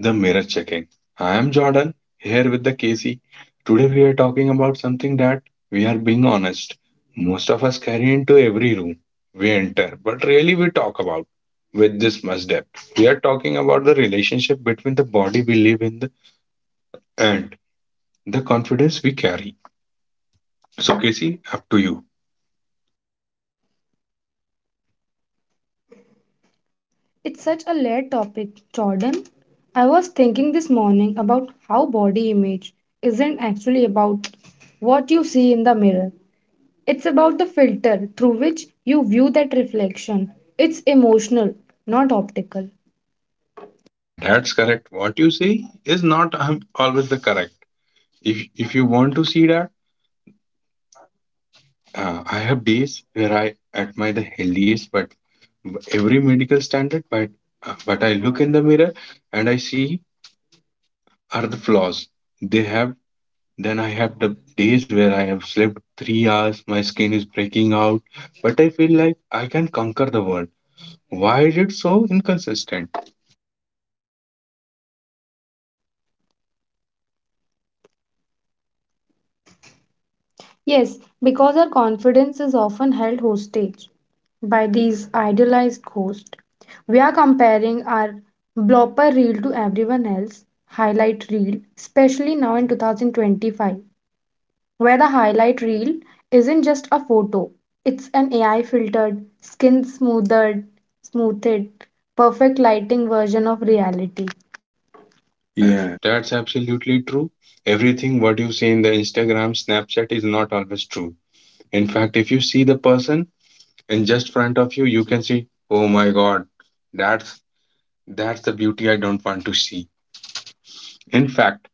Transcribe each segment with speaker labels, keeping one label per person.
Speaker 1: The mirror checking. I am Jordan here with the Casey. Today we are talking about something that we are being honest. Most of us carry into every room we enter, but really we talk about with this much depth. We are talking about the relationship between the body we live in the, and the confidence we carry. So, Casey, up to you.
Speaker 2: It's such a layered topic, Jordan. I was thinking this morning about how body image isn't actually about what you see in the mirror. It's about the filter through which you view that reflection. It's emotional, not optical.
Speaker 1: Yeah, that's correct. What you say is not always the correct. If you want to see that, I have days where I admire the healthiest, but every medical standard, but I look in the mirror and I see are the flaws they have. Then I have the days where I have slept 3 hours, my skin is breaking out, but I feel like I can conquer the world. Why is it so inconsistent?
Speaker 2: Yes, because our confidence is often held hostage by these idealized ghosts. We are comparing our blooper reel to everyone else highlight reel, especially now in 2025, where the highlight reel isn't just a photo, it's an AI filtered, skin smoothed, perfect lighting version of reality.
Speaker 1: Yeah,
Speaker 2: Yeah.
Speaker 1: that's absolutely true. Everything what you see in the Instagram, Snapchat is not always true. In fact, if you see the person in just front of you, you can see, oh my god, that's that's the beauty, I don't want to see. In fact,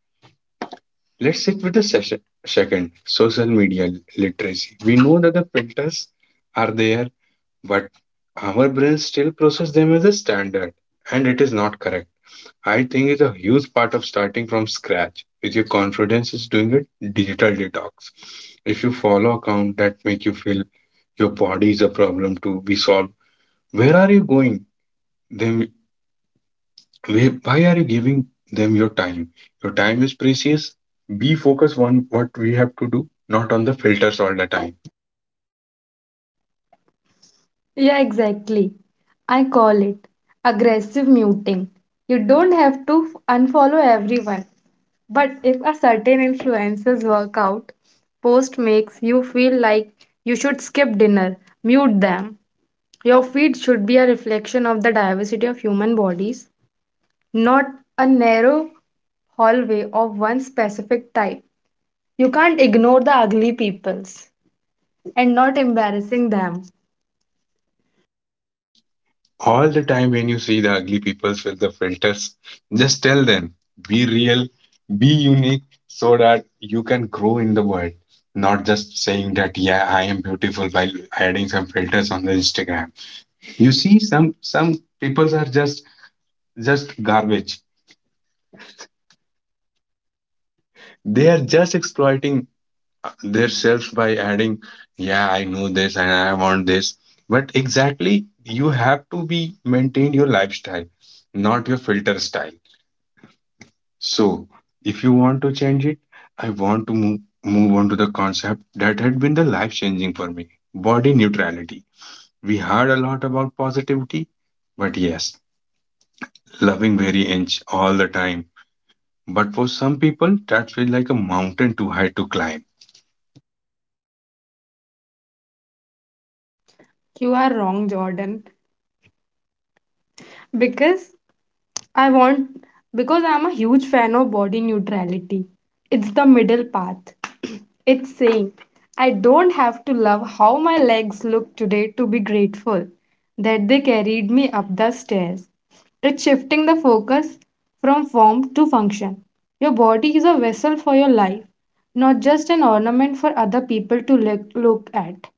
Speaker 1: let's sit with the session second social media literacy. We know that the filters are there, but our brains still process them as a standard, and it is not correct. I think it's a huge part of starting from scratch with your confidence is doing a digital detox. If you follow account that make you feel your body is a problem to be solved, where are you going then? Why are you giving them your time? Your time is precious. Be focused on what we have to do, not on the filters all the time.
Speaker 2: Yeah, exactly. I call it aggressive muting. You don't have to unfollow everyone, but if a certain influencer's workout post makes you feel like you should skip dinner, mute them. Your feed should be a reflection of the diversity of human bodies, not a narrow hallway of one specific type. You can't ignore the ugly peoples and not embarrassing them.
Speaker 1: All the time when you see the ugly peoples with the filters, just tell them, be real, be unique so that you can grow in the world. Not just saying that yeah, I am beautiful by adding some filters on the Instagram. You see some peoples are just garbage. They are just exploiting themselves by adding, yeah, I know this and I want this. But exactly, you have to be maintain your lifestyle, not your filter style. So if you want to change it, I want to move on to the concept that had been the life changing for me, body neutrality. We heard a lot about positivity, but yes, loving every inch all the time. But for some people, that feels like a mountain too high to climb.
Speaker 2: You are wrong, Jordan, because I want because I'm a huge fan of body neutrality. It's the middle path. It's saying, I don't have to love how my legs look today to be grateful that they carried me up the stairs. It's shifting the focus from form to function. Your body is a vessel for your life, not just an ornament for other people to look at.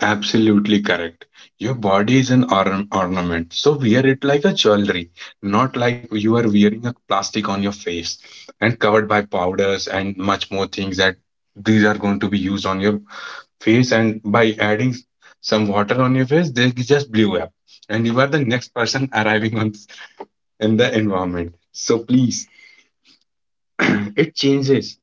Speaker 1: Absolutely correct. Your body is an ornament, so wear it like a jewelry, not like you are wearing a plastic on your face and covered by powders and much more things that these are going to be used on your face. And by adding some water on your face, they just blew up, and you are the next person arriving on in the environment. So please, it changes.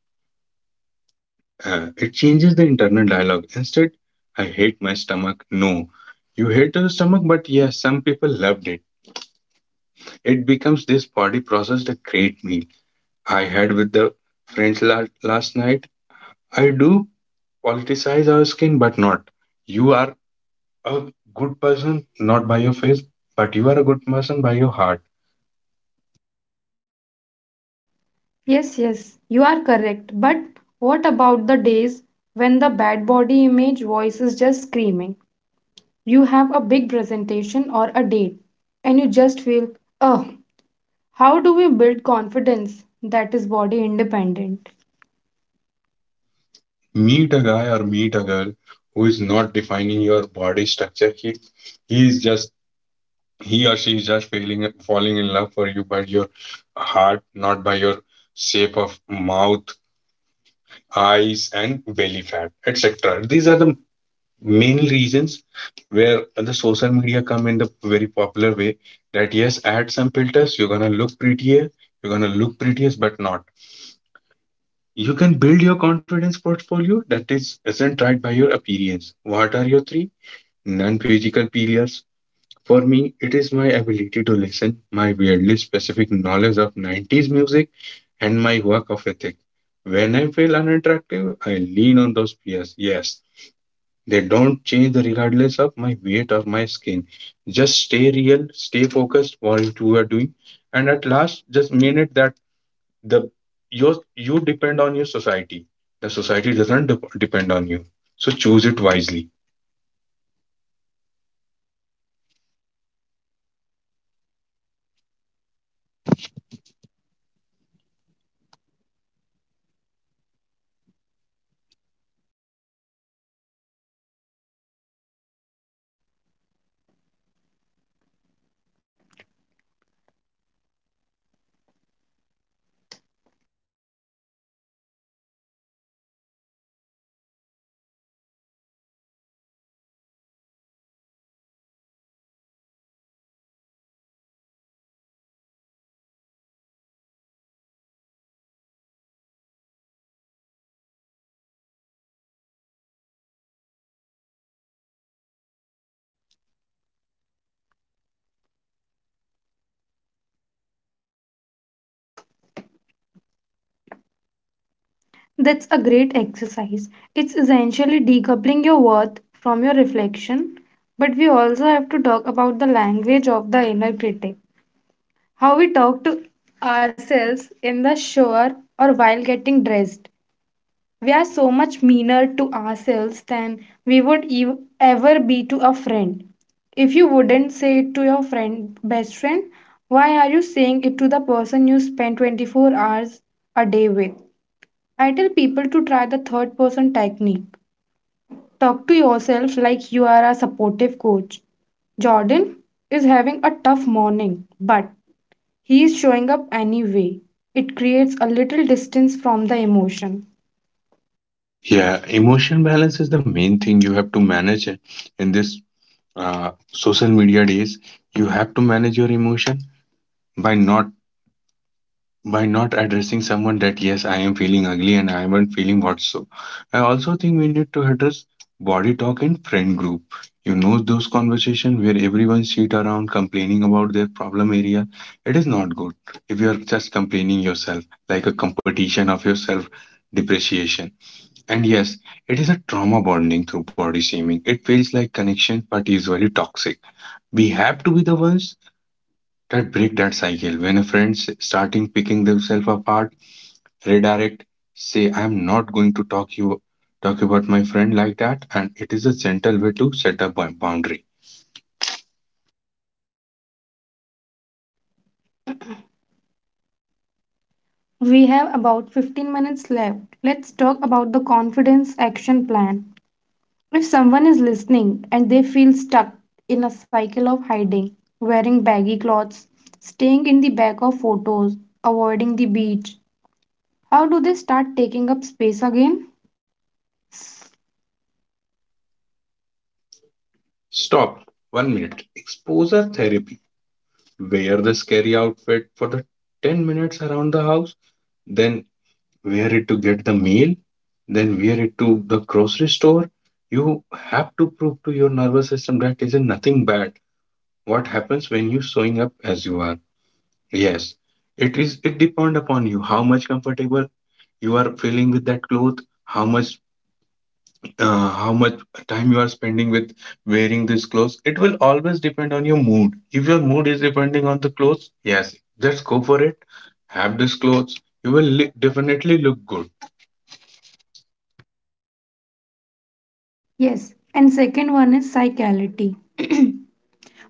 Speaker 1: It changes the internal dialogue. Instead, I hate my stomach. No, you hate your stomach, but yes, some people loved it. It becomes this body processed a great meal. I had with the friends last night. I do politicize our skin, but not. You are a good person, not by your face, but you are a good person by your heart.
Speaker 2: Yes, yes, you are correct. But what about the days when the bad body image voice is just screaming? You have a big presentation or a date, and you just feel, oh, how do we build confidence that is body independent?
Speaker 1: Meet a guy or meet a girl who is not defining your body structure. He is just he or she is just failing falling in love for you by your heart, not by your shape of mouth, eyes and belly fat, etc. These are the main reasons where the social media come in the very popular way that yes, add some filters, you're gonna look prettier, you're gonna look prettiest but not. You can build your confidence portfolio that is isn't tied by your appearance. What are your three non-physical pillars? For me, it is my ability to listen, my weirdly specific knowledge of 90s music, and my work of ethic. When I feel unattractive, I lean on those peers. Yes, they don't change regardless of my weight or my skin. Just stay real, stay focused what you are doing, and at last, just mean it that the your you depend on your society. The society doesn't depend on you. So choose it wisely.
Speaker 2: That's a great exercise. It's essentially decoupling your worth from your reflection. But we also have to talk about the language of the inner critic, how we talk to ourselves in the shower or while getting dressed. We are so much meaner to ourselves than we would ever be to a friend. If you wouldn't say it to your best friend, why are you saying it to the person you spend 24 hours a day with? I tell people to try the third person technique. Talk to yourself like you are a supportive coach. Jordan is having a tough morning, but he is showing up anyway. It creates a little distance from the emotion.
Speaker 1: Yeah, emotion balance is the main thing you have to manage in this social media days. You have to manage your emotion by not by not addressing someone that yes, I am feeling ugly and I am feeling what so. I also think we need to address body talk in friend group. You know those conversations where everyone sit around complaining about their problem area. It is not good if you are just complaining yourself like a competition of yourself depreciation, and yes, it is a trauma bonding through body shaming. It feels like connection, but usually toxic. We have to be the ones that break that cycle. When a friend's starting picking themselves apart, redirect, say, I'm not going to talk you talk about my friend like that, and it is a gentle way to set up a boundary.
Speaker 2: We have about 15 minutes left. Let's talk about the confidence action plan. If someone is listening and they feel stuck in a cycle of hiding, wearing baggy clothes, staying in the back of photos, avoiding the beach, how do they start taking up space again?
Speaker 1: Stop. One minute. Exposure therapy. Wear the scary outfit for the 10 minutes around the house, then wear it to get the mail, then wear it to the grocery store. You have to prove to your nervous system that is nothing bad. What happens when you showing up as you are? Yes, it is. It depend upon you how much comfortable you are feeling with that cloth, how much, how much time you are spending with wearing this clothes. It will always depend on your mood. If your mood is depending on the clothes, yes, just go for it. Have this clothes. You will definitely look good.
Speaker 2: Yes, and second one is cyclicality.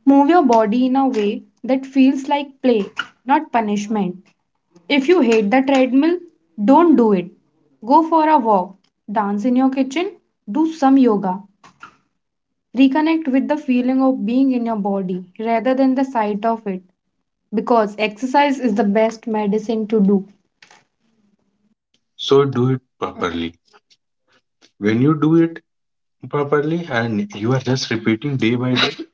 Speaker 2: Move your body in a way that feels like play, not punishment. If you hate the treadmill, don't do it. Go for a walk, dance in your kitchen, do some yoga. Reconnect with the feeling of being in your body rather than the sight of it, because exercise is the best medicine to do.
Speaker 1: So do it properly. When you do it properly and you are just repeating day by day,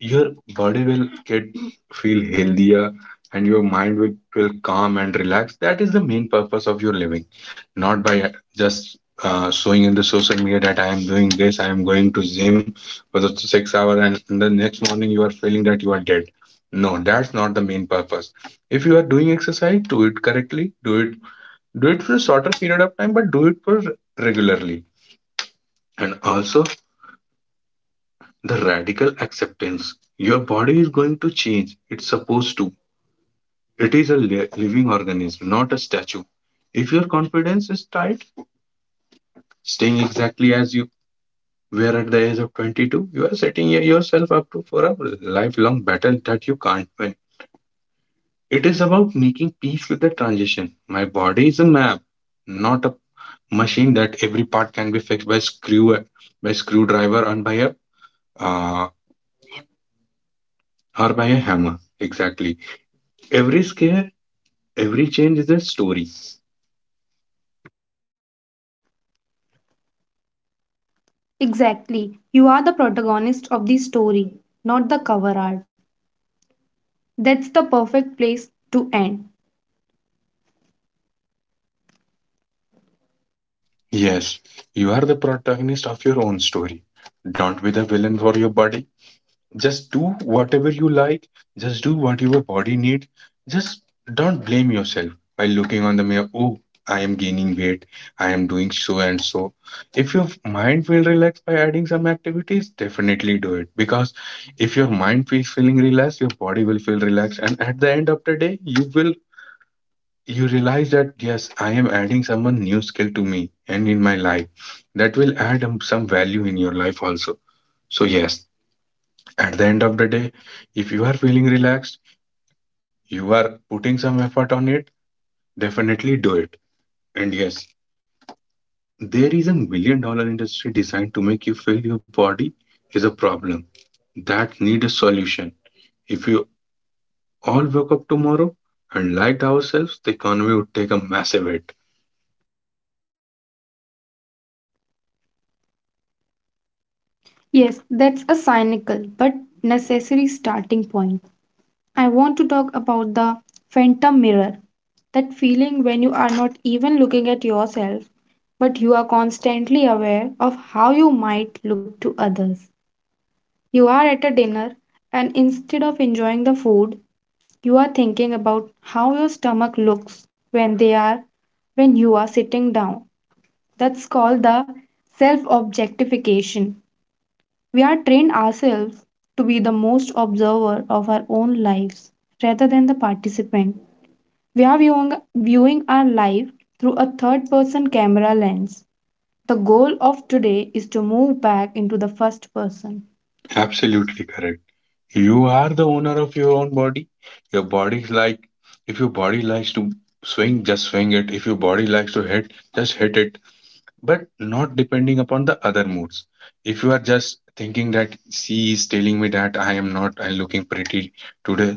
Speaker 1: your body will get feel healthier and your mind will feel calm and relaxed. That is the main purpose of your living, not by just showing in the social media that I am doing this, I am going to gym for the 6 hour, and in the next morning you are feeling that you are dead. No, that's not the main purpose. If you are doing exercise, do it correctly, do it for a shorter period of time but do it for regularly. And also the radical acceptance, your body is going to change, it's supposed to. It is a living organism, not a statue. If your confidence is tight staying exactly as you were at the age of 22, you are setting yourself up to for a lifelong battle that you can't win. It is about making peace with the transition. My body is a map, not a machine that every part can be fixed by screw by screwdriver and by a uh, or by a hammer. Exactly. Every scare, every change is a story.
Speaker 2: Exactly. You are the protagonist of the story, not the cover art. That's the perfect place to end.
Speaker 1: Yes, you are the protagonist of your own story. Don't be the villain for your body. Just do whatever you like, just do what your body needs, just don't blame yourself by looking on the mirror. Oh, I am gaining weight, I am doing so and so. If your mind will relax by adding some activities, definitely do it, because if your mind feels feeling relaxed, your body will feel relaxed, and at the end of the day you will you realize that yes, I am adding someone new skill to me and in my life that will add some value in your life also. So yes, at the end of the day, if you are feeling relaxed, you are putting some effort on it, definitely do it. And yes, there is $1 million industry designed to make you feel your body is a problem that need a solution. If you all woke up tomorrow and liked ourselves, the economy would take a massive hit.
Speaker 2: Yes, that's a cynical but necessary starting point. I want to talk about the phantom mirror. That feeling when you are not even looking at yourself, but you are constantly aware of how you might look to others. You are at a dinner, and instead of enjoying the food, you are thinking about how your stomach looks when you are sitting down. That's called the self objectification. We are trained ourselves to be the most observer of our own lives rather than the participant. We are viewing our life through a third person camera lens. The goal of today is to move back into the first person.
Speaker 1: Absolutely correct. You are the owner of your own body. Your body is like if your body likes to swing, just swing it. If your body likes to hit, just hit it but not depending upon the other moods. If you are just thinking that she is telling me that I am not looking pretty today,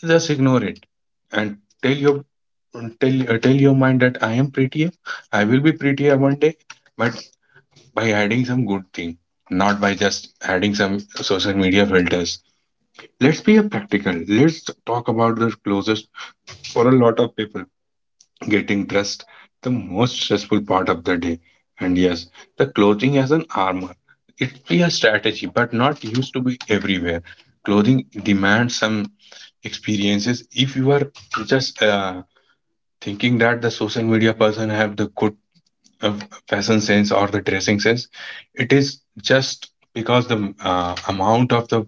Speaker 1: just ignore it and tell your tell tell your mind that I am prettier. I will be prettier one day, but by adding some good thing, not by just adding some social media filters. Let's be a practical. Let's talk about the closest for a lot of people, getting dressed, the most stressful part of the day. And yes, the clothing as an armor, it be a strategy but not used to be everywhere. Clothing demands some experiences. If you are just thinking that the social media person have the good uh, fashion sense or the dressing sense, it is just because the amount of the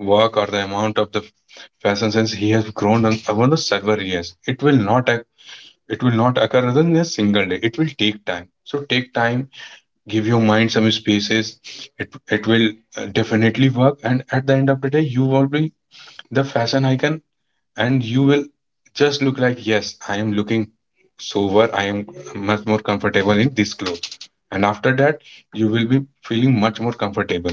Speaker 1: work or the amount of the fashion sense he has grown on over the several years, it will not occur in a single day. It will take time. So take time, give your mind some spaces. It will definitely work. And at the end of the day, you will be the fashion icon, and you will just look like, yes, I am looking sober. I am much more comfortable in this clothes. And after that, you will be feeling much more comfortable.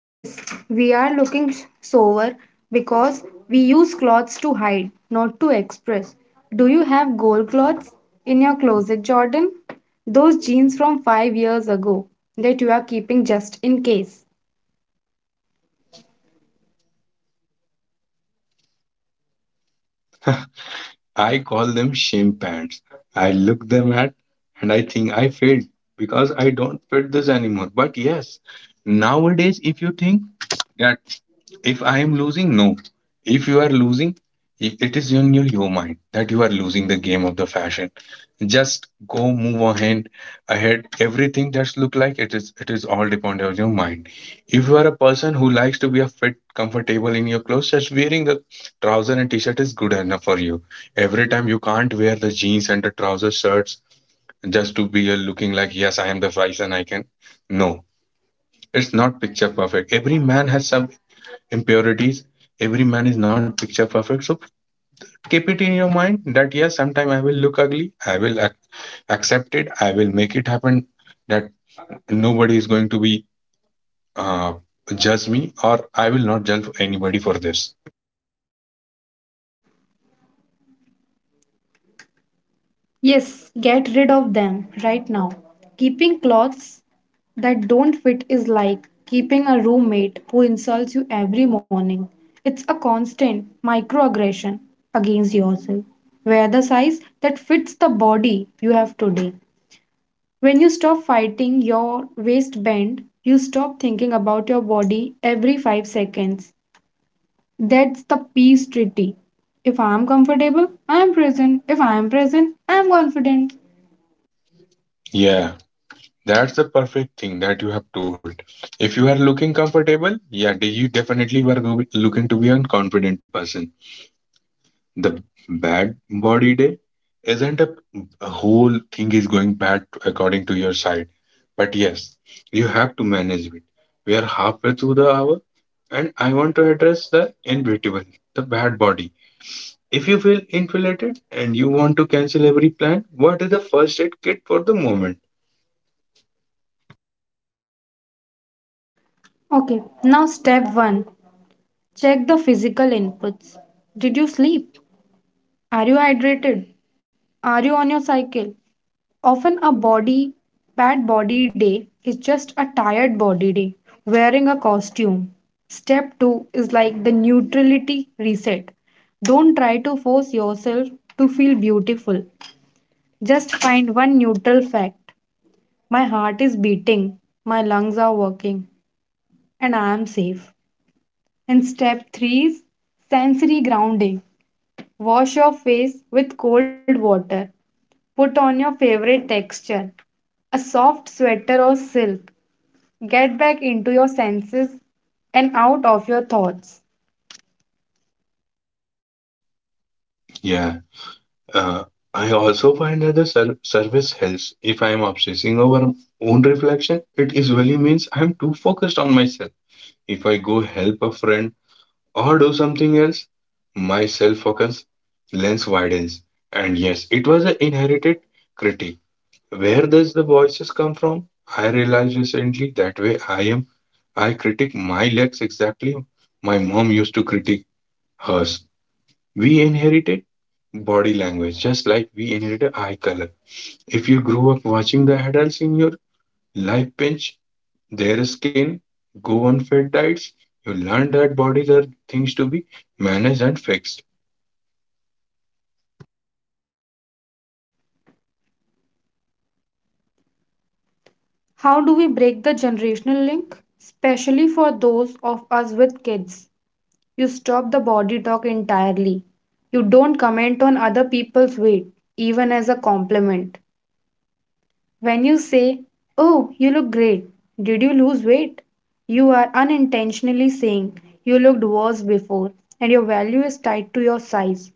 Speaker 2: Yes, we are looking sober because we use clothes to hide, not to express. Do you have gold clothes in your closet, Jordan? Those jeans from 5 years ago that you are keeping just in case.
Speaker 1: I call them shame pants. I look them at and I think I failed because I don't fit this anymore. But yes, nowadays, if you think that if I am losing, no. If you are losing, it is in your mind that you are losing the game of the fashion. Just go move ahead, ahead. Everything that's look like, it is all depend on your mind. If you are a person who likes to be a fit, comfortable in your clothes, just wearing the trouser and t-shirt is good enough for you. Every time you can't wear the jeans and the trouser shirts just to be a looking like, yes, I am the price and I can. No, it's not picture perfect. Every man has some impurities. Every man is not picture perfect. So keep it in your mind that yes, sometime I will look ugly. I will accept it. I will make it happen that nobody is going to be uh, judge me, or I will not judge anybody for this.
Speaker 2: Yes, get rid of them right now. Keeping clothes that don't fit is like keeping a roommate who insults you every morning. It's a constant microaggression against yourself. Wear the size that fits the body you have today. When you stop fighting your waistband, you stop thinking about your body every 5 seconds. That's the peace treaty. If I am comfortable, I am present. If I am present, I am confident.
Speaker 1: Yeah, that's the perfect thing that you have told. If you are looking comfortable, yeah, you definitely looking to be a confident person. The bad body day isn't a whole thing is going bad according to your side, but yes, you have to manage it. We are halfway through the hour, and I want to address the inevitable, the bad body. If you feel inflated and you want to cancel every plan, what is the first aid kit for the moment?
Speaker 2: Okay, now step one, check the physical inputs. Did you sleep? Are you hydrated? Are you on your cycle? Often a body bad body day is just a tired body day wearing a costume. Step 2 is like the neutrality reset. Don't try to force yourself to feel beautiful. Just find one neutral fact. My heart is beating, my lungs are working, and I am safe. And step 3 is sensory grounding. Wash your face with cold water. Put on your favorite texture, a soft sweater or silk. Get back into your senses and out of your thoughts.
Speaker 1: Yeah, uh, I also find that the service helps. If I am obsessing over own reflection, it usually means I am too focused on myself. If I go help a friend or do something else, my self focus lens widens. And yes, it was an inherited critique. Where does the voices come from? I realized recently that way I am. I critique my legs exactly. My mom used to critique hers. We inherited body language just like we inherited eye color. If you grew up watching the adults in your life pinch their skin, go on fat diets, you learn that bodies are things to be managed and fixed.
Speaker 2: How do we break the generational link? Especially for those of us with kids. You stop the body talk entirely. You don't comment on other people's weight, even as a compliment. When you say, oh, you look great, did you lose weight? You are unintentionally saying you looked worse before and your value is tied to your size.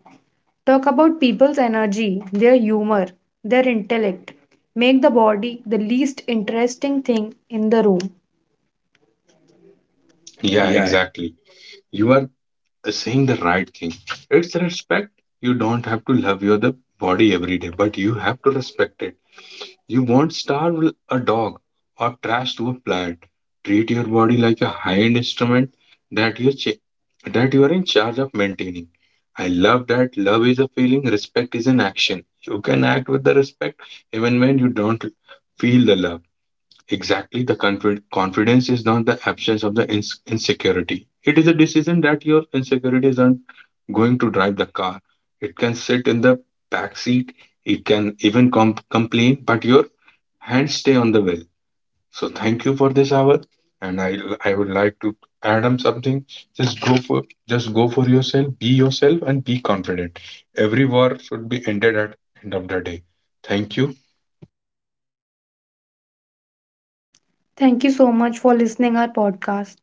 Speaker 2: Talk about people's energy, their humor, their intellect. Make the body the least interesting thing in the room.
Speaker 1: Yeah,
Speaker 2: Yeah,
Speaker 1: exactly. You are saying the right thing. It's respect. You don't have to love your the body every day, but you have to respect it. You won't starve a dog or trash to a plant. Treat your body like a high-end instrument that you cha- that you are in charge of maintaining. I love that love is a feeling, respect is an action. You can act with the respect even when you don't feel the love. Exactly, the confidence is not the absence of the insecurity. It is a decision that your insecurities aren't going to drive the car. It can sit in the back seat. It can even complain, but your and stay on the well. So thank you for this hour. And I would like to add on something. Just go for just go for yourself, be yourself and be confident. Every war should be ended at end of the day. Thank you.
Speaker 2: thank you so much for listening our podcast.